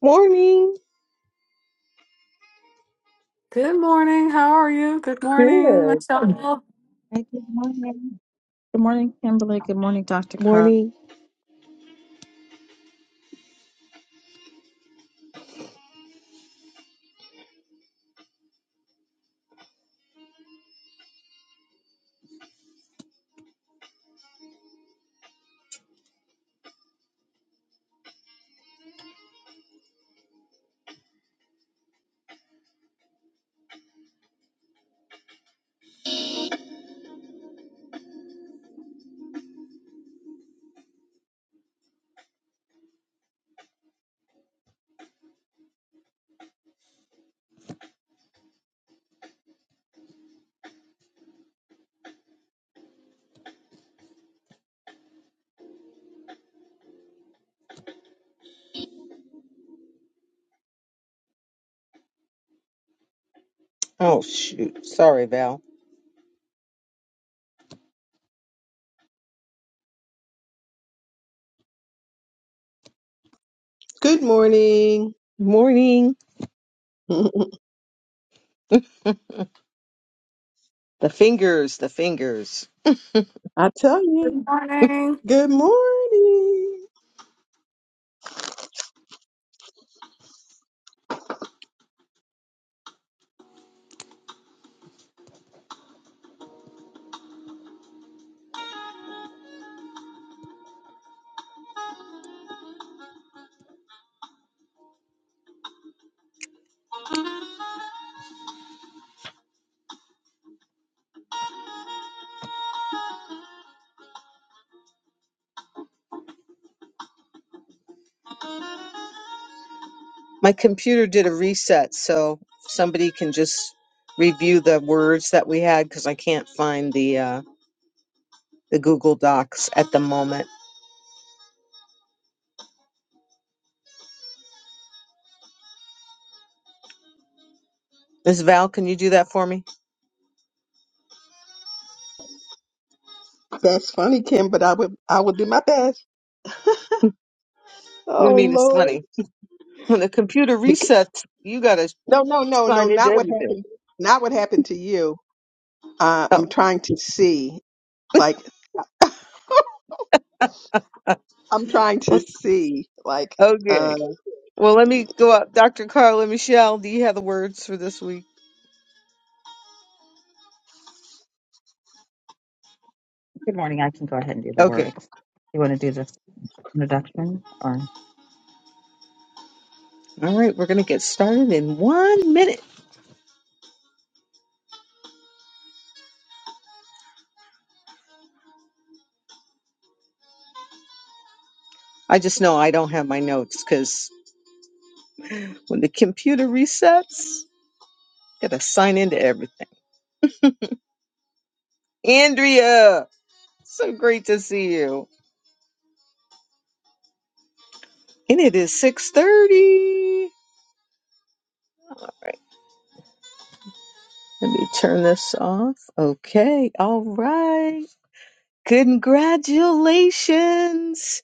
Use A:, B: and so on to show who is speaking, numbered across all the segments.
A: Morning.
B: Good morning. How are you? Good morning,
A: Good.
B: Michelle.
C: Hey, good morning. Good morning, Kimberly. Good morning, Dr. Carr.
A: Morning. Oh, shoot. Sorry, Val.
D: Good morning.
A: Morning.
D: I
A: The fingers, the fingers.
D: tell
B: Good
D: you,
B: morning.
D: good morning.
A: My computer did a reset, so somebody can just review the words that we had because I can't find the uh, the Google Docs at the moment. Ms. Val, can you do that for me?
D: That's funny, Kim, but I would I will do my best.
A: What do you
D: Oh
A: mean it's
D: Lord.
A: funny? When the computer
D: Bec-
A: resets, you gotta
D: no, no, no, no,
A: sign into
D: not what
A: everything.
D: happened. Not what happened to you. Uh,
A: Oh,
D: I'm trying to see. Like I'm trying to
A: o-
D: see. Like
A: okay.
D: uh
A: Well, let me go up. Dr. Carla Michelle, do you have the words for this week?
C: Good morning. I can go ahead and do the
A: Okay.
C: words. You want to do the introduction or?
A: All right, we're going to get started in one minute. I just know I don't have my notes because when the computer resets, I got to sign into everything. Andrea, so great to see you. And it is 6.30. Right, let me turn this off. Okay, all right. Congratulations.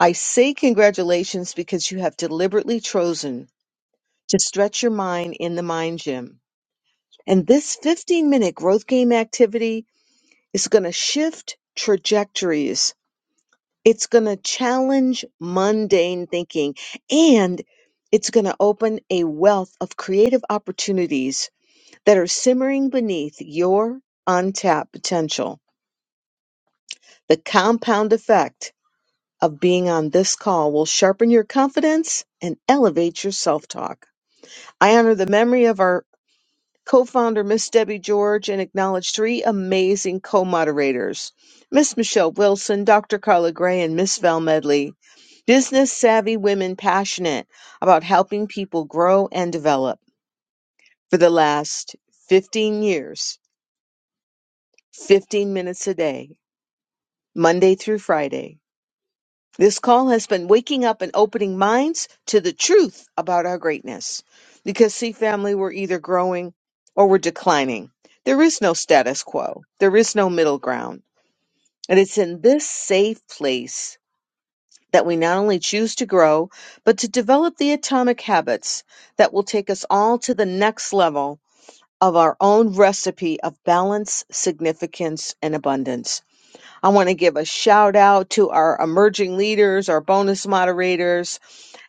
A: I say congratulations because you have deliberately chosen to stretch your mind in the mind gym. And this 15 minute growth game activity It's going to shift trajectories. It's going to challenge mundane thinking and it's going to open a wealth of creative opportunities that are simmering beneath your untapped potential. The compound effect of being on this call will sharpen your confidence and elevate your self talk. I honor the memory of our co-founder Miss Debbie George, and acknowledge three amazing co-moderators, Miss Michelle Wilson, Dr. Carla Gray, and Miss Val Medley. Business savvy women passionate about helping people grow and develop for the last 15 years, 15 minutes a day, Monday through Friday. This call has been waking up and opening minds to the truth about our greatness. Because, see, family, we're either growing or we're declining. There is no status quo, there is no middle ground. And it's in this safe place that we not only choose to grow, but to develop the atomic habits that will take us all to the next level of our own recipe of balance, significance, and abundance. I want to give a shout out to our emerging leaders, our bonus moderators,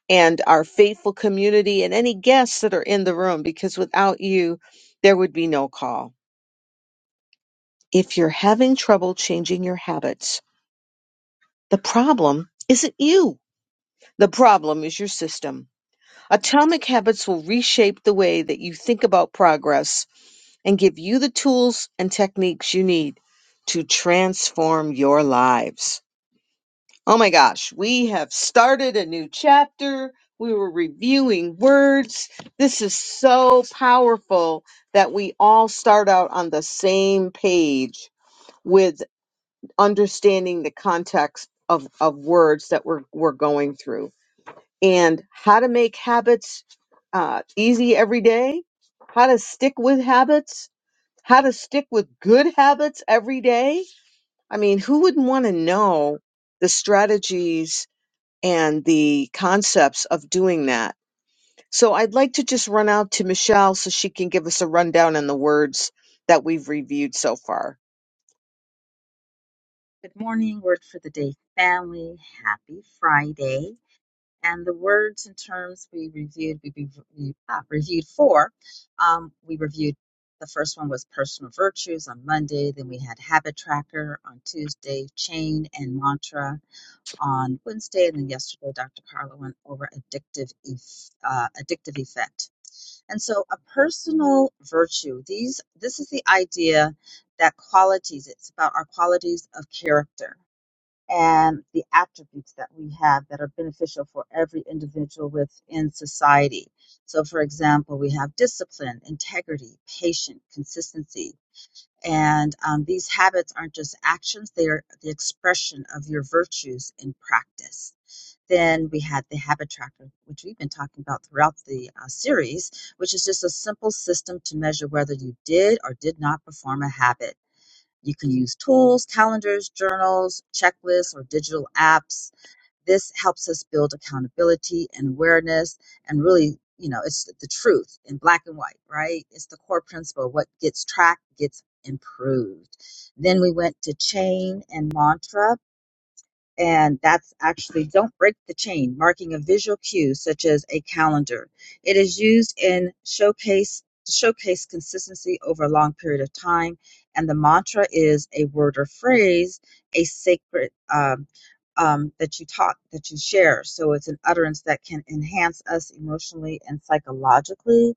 A: and our faithful community and any guests that are in the room because without you, there would be no call. If you're having trouble changing your habits, the problem isn't you. The problem is your system. Atomic habits will reshape the way that you think about progress and give you the tools and techniques you need to transform your lives. Oh my gosh, we have started a new chapter. We were reviewing words. This is so powerful that we all start out on the same page with understanding the context of, of words that we're, we're going through and how to make habits uh, easy every day, how to stick with habits, how to stick with good habits every day. I mean, who wouldn't want to know the strategies? and the concepts of doing that. So I'd like to just run out to Michelle so she can give us a rundown on the words that we've reviewed so far.
C: Good morning. Word for the day, family. Happy Friday. And the words and terms we reviewed, we, we, we ah, reviewed four. Um, we reviewed the first one was personal virtues on Monday. Then we had habit tracker on Tuesday, chain and mantra on Wednesday, and then yesterday, Dr. Carla went over addictive, eff- uh, addictive effect. And so a personal virtue, these this is the idea that qualities, it's about our qualities of character and the attributes that we have that are beneficial for every individual within society. So for example, we have discipline, integrity, patience, consistency. And um, these habits aren't just actions, they are the expression of your virtues in practice. Then we had the habit tracker, which we've been talking about throughout the uh, series, which is just a simple system to measure whether you did or did not perform a habit. You can use tools, calendars, journals, checklists, or digital apps. This helps us build accountability and awareness, and really, you know, it's the truth in black and white, right? It's the core principle. What gets tracked gets improved. Then we went to chain and mantra and that's actually don't break the chain marking a visual cue such as a calendar it is used in showcase to showcase consistency over a long period of time and the mantra is a word or phrase a sacred um, um, that you talk that you share so it's an utterance that can enhance us emotionally and psychologically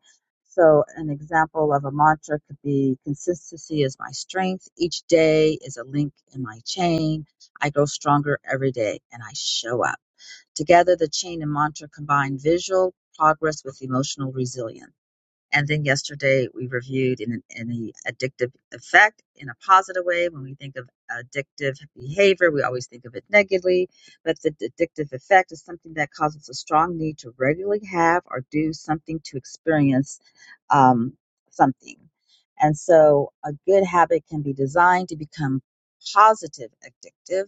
C: so an example of a mantra could be consistency is my strength each day is a link in my chain I grow stronger every day and I show up. Together, the chain and mantra combine visual progress with emotional resilience. And then yesterday we reviewed in, in the addictive effect in a positive way. When we think of addictive behavior, we always think of it negatively, but the addictive effect is something that causes a strong need to regularly have or do something to experience um, something. And so a good habit can be designed to become positive addictive.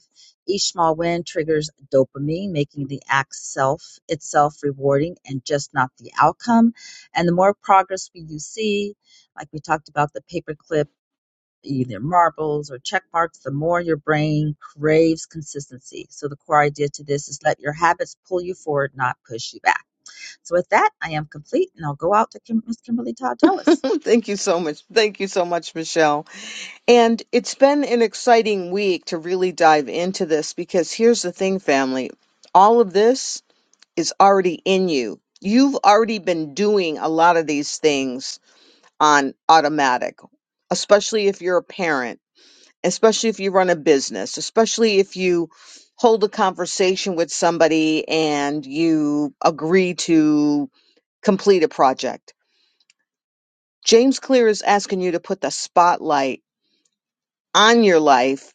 C: Each small win triggers dopamine, making the act self itself rewarding and just not the outcome and the more progress we you see, like we talked about the paperclip, either marbles or check marks, the more your brain craves consistency. So the core idea to this is let your habits pull you forward, not push you back. So with that, I am complete, and I'll go out to Kim- Miss Kimberly Todd Tellis.
A: Thank you so much. Thank you so much, Michelle. And it's been an exciting week to really dive into this because here's the thing, family. All of this is already in you. You've already been doing a lot of these things on automatic, especially if you're a parent especially if you run a business, especially if you hold a conversation with somebody and you agree to complete a project. James Clear is asking you to put the spotlight on your life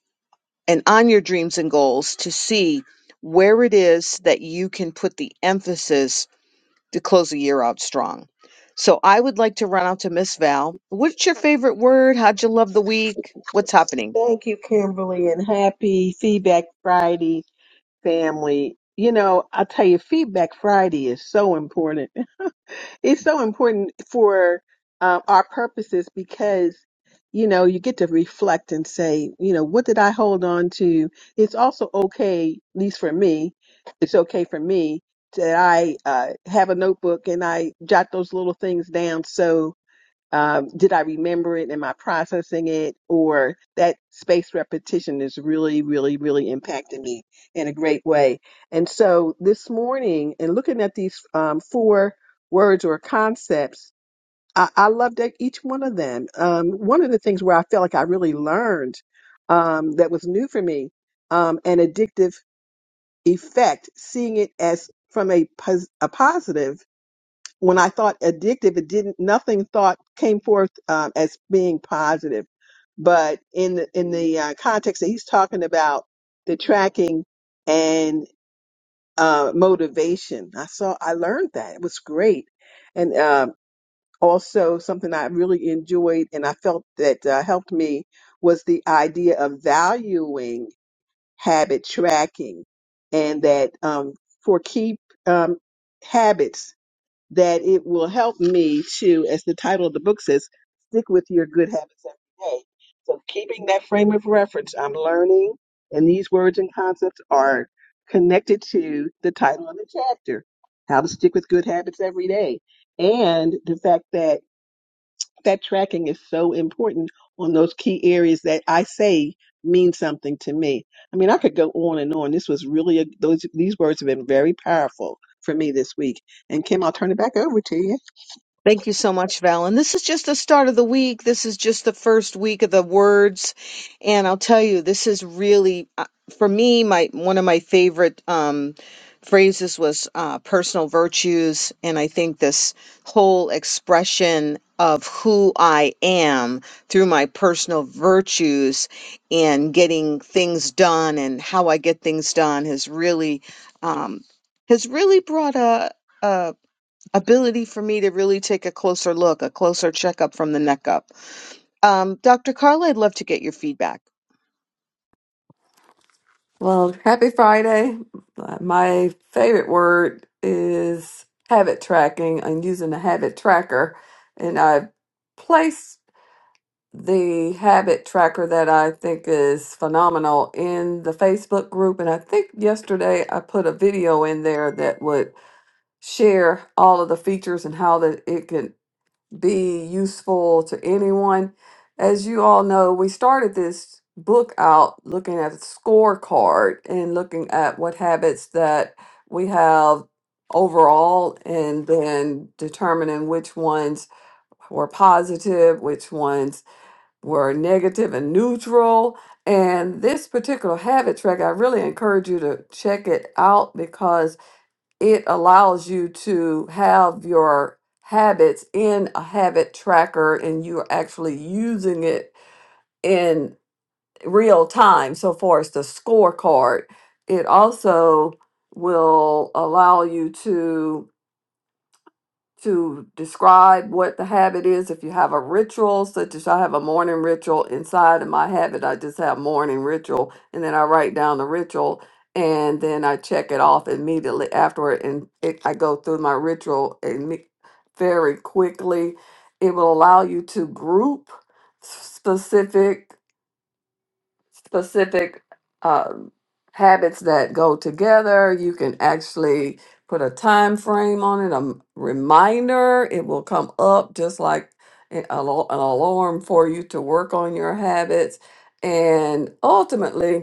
A: and on your dreams and goals to see where it is that you can put the emphasis to close the year out strong. So I would like to run out to Miss Val. What's your favorite word? How'd you love the week? What's happening?
D: Thank you, Kimberly, and happy feedback Friday. family. You know, I'll tell you, Feedback Friday is so important. It's so important for um, our purposes because, you know, you get to reflect and say, you know, what did I hold on to? It's also okay, at least for me, it's okay for me that I uh, have a notebook and I jot those little things down. So, um, did I remember it? Am I processing it? Or that spaced repetition is really, really, really impacting me in a great way. And so this morning, and looking at these um, four words or concepts, I, I loved that each one of them. Um, one of the things where I felt like I really learned um, that was new for me, um, an addictive effect, seeing it as from a, pos- a positive when I thought addictive, it didn't nothing thought came forth um, as being positive. But in the, in the uh, context that he's talking about the tracking and uh, motivation, I saw I learned that it was great, and um, also something I really enjoyed and I felt that uh, helped me was the idea of valuing habit tracking, and that um, for keep um, habits that it will help me to, as the title of the book says, stick with your good habits every day. So, keeping that frame of reference, I'm learning, and these words and concepts are connected to the title of the chapter How to Stick with Good Habits Every Day. And the fact that that tracking is so important on those key areas that I say mean something to me. I mean, I could go on and on. This was really a, those these words have been very powerful for me this week. And Kim, I'll turn it back over to you.
A: Thank you so much, Val. And this is just the start of the week. This is just the first week of the words. And I'll tell you, this is really, uh, for me, my one of my favorite um, phrases was uh, personal virtues. And I think this whole expression of who I am through my personal virtues and getting things done and how I get things done has really, um, has really brought a, ability for me to really take a closer look, a closer checkup from the neck up. Um, Dr. Carla, I'd love to get your feedback.
B: Well, happy Friday. Uh, My favorite word is habit tracking. I'm using a habit tracker, and I placed the habit tracker that I think is phenomenal in the Facebook group. And I think yesterday I put a video in there that would share all of the features and how that it can be useful to anyone. As you all know, we started this book out looking at a scorecard and looking at what habits that we have overall and then determining which ones were positive, which ones were negative and neutral. And this particular habit track, I really encourage you to check it out because it allows you to have your habits in a habit tracker and you're actually using it in real time so far as the scorecard it also will allow you to to describe what the habit is. If you have a ritual, such as I have a morning ritual inside of my habit, I just have morning ritual and then I write down the ritual and then I check it off immediately afterward. And it, I go through my ritual imme- very quickly. It will allow you to group specific specific um, habits that go together. You can actually put a time frame on it, a m- reminder. It will come up just like a- an al- an alarm for you to work on your habits. And ultimately,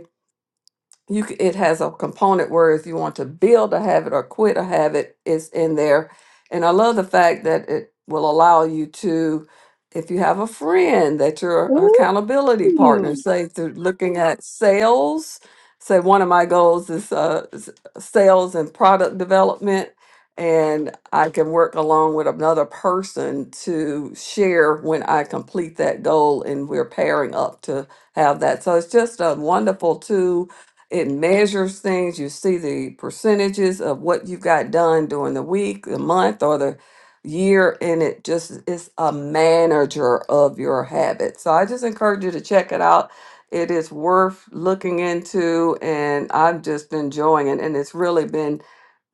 B: you c- it has a component where if you want to build a habit or quit a habit it's in there and i love the fact that it will allow you to if you have a friend that your
A: Ooh.
B: accountability partner say through looking at sales say one of my goals is uh, s- sales and product development and i can work along with another person to share when i complete that goal and we're pairing up to have that so it's just a wonderful tool it measures things. You see the percentages of what you've got done during the week, the month, or the year, and it just is a manager of your habits. So I just encourage you to check it out. It is worth looking into, and I'm just been enjoying it. And it's really been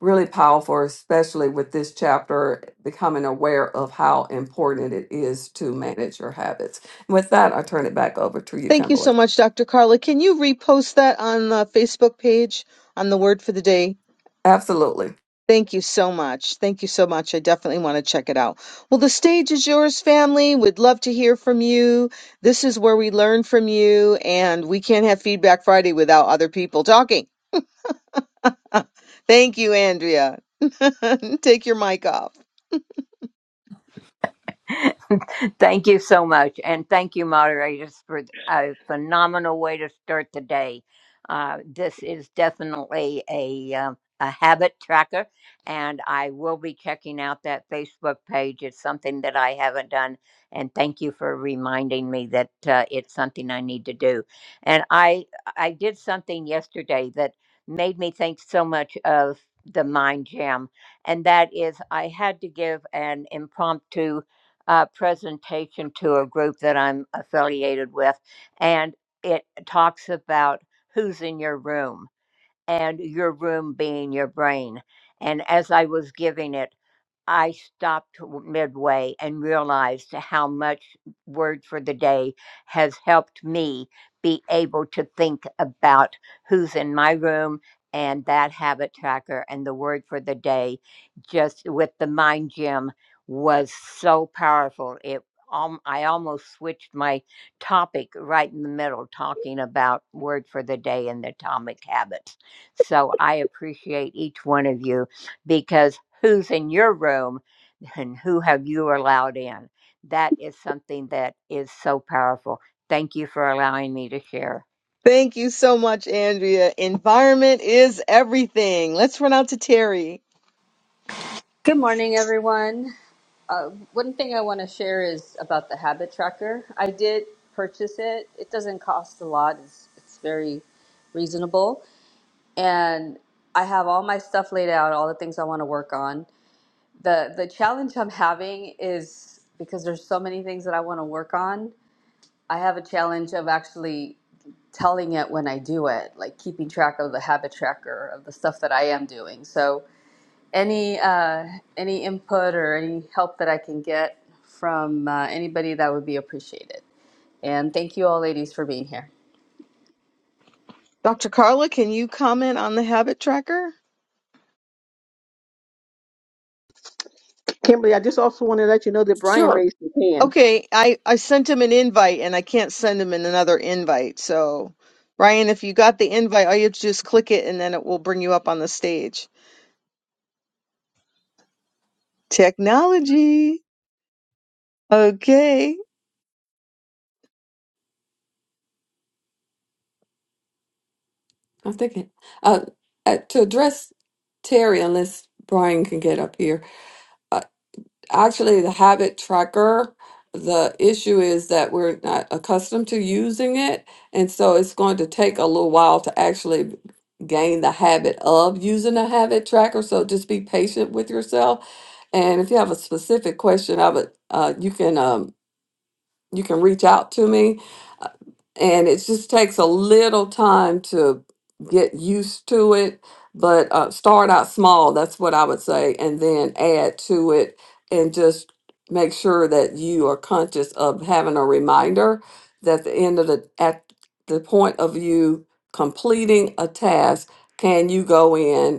B: really powerful, especially with this chapter, becoming aware of how important it is to manage your habits. With that, I turn it back over to you,
A: Thank you so
B: Kimberly.
A: much, Dr. Carla. Can you repost that on the Facebook page on the word for the day?
B: Absolutely.
A: Thank you so much. Thank you so much. I definitely want to check it out. Well, the stage is yours, family. We'd love to hear from you. This is where we learn from you, and we can't have Feedback Friday without other people talking. Thank you, Andrea. Take your mic off.
E: thank you so much. And thank you, moderators, for a phenomenal way to start the day. Uh, this is definitely a, um, a habit tracker, and I will be checking out that Facebook page. It's something that I haven't done. And thank you for reminding me that uh, it's something I need to do. And I, I did something yesterday that made me think so much of the Mind Jam, and that is I had to give an impromptu uh, presentation to a group that I'm affiliated with, and it talks about who's in your room and your room being your brain. And as I was giving it, I stopped midway and realized how much Word for the Day has helped me be able to think about who's in my room and that habit tracker and the Word for the Day just with the Mind Gym was so powerful. It um, I almost switched my topic right in the middle, talking about Word for the Day and the Atomic Habits. So I appreciate each one of you because who's in your room and who have you allowed in? That is something that is so powerful. Thank you for allowing me to share.
A: Thank you so much, Andrea. Environment is everything. Let's run out to Terry.
F: Good morning, everyone. Uh, one thing I want to share is about the habit tracker. I did purchase it. It doesn't cost a lot. It's, it's very reasonable, and I have all my stuff laid out, all the things I want to work on. the The challenge I'm having is because there's so many things that I want to work on. I have a challenge of actually telling it when I do it, like keeping track of the habit tracker of the stuff that I am doing. So any uh, any input or any help that I can get from uh, anybody that would be appreciated. And thank you all, ladies, for being here.
A: Dr. Carla, can you comment on the habit tracker?
D: Kimberly, I just also want to let you know that Brian
B: Sure.
D: raised his hand.
A: Okay, I I sent him an invite and I can't send him in another invite. So, Ryan, if you got the invite, all you have to do is click it and then it will bring you up on the stage. Technology. Okay.
B: I'm thinking uh, uh, to address Terry, unless Brian can get up here. Uh, actually, the habit tracker, the issue is that we're not accustomed to using it, and so it's going to take a little while to actually gain the habit of using a habit tracker. So just be patient with yourself. And if you have a specific question, I would uh, you can. Um, you can reach out to me. Uh, And it just takes a little time to get used to it, but uh, start out small. That's what I would say. And then add to it and just make sure that you are conscious of having a reminder that the end of the, at the point of you completing a task, can you go in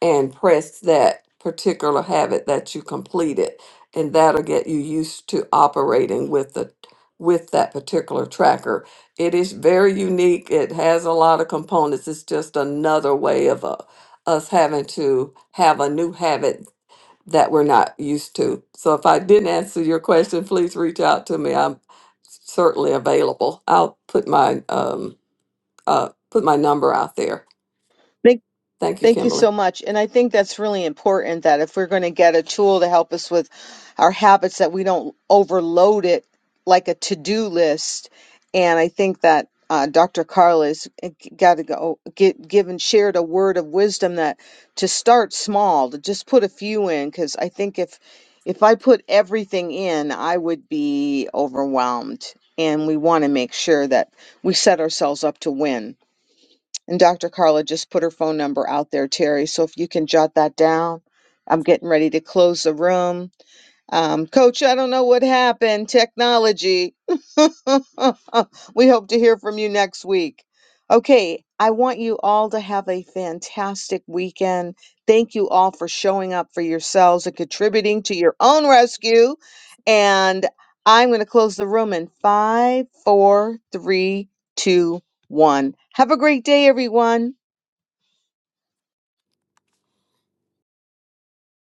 B: and press that particular habit that you completed and that'll get you used to operating with the with that particular tracker it is very unique it has a lot of components it's just another way of uh, us having to have a new habit that we're not used to so if i didn't answer your question please reach out to me i'm certainly available i'll put my um uh put my number out there thank you
A: Thank you
B: kimberly
A: so much. And I think that's really important that if we're going to get a tool to help us with our habits, that we don't overload it like a to do list. And I think that uh, Dr. Carl has got to go get given shared a word of wisdom that to start small, to just put a few in, because I think if if I put everything in, I would be overwhelmed. And we want to make sure that we set ourselves up to win and Dr. Carla just put her phone number out there, Terry. So if you can jot that down, I'm getting ready to close the room. Um, Coach, I don't know what happened. Technology. we hope to hear from you next week. Okay, I want you all to have a fantastic weekend. Thank you all for showing up for yourselves and contributing to your own rescue. And I'm going to close the room in five, four, three, two, one. Have a great day, everyone.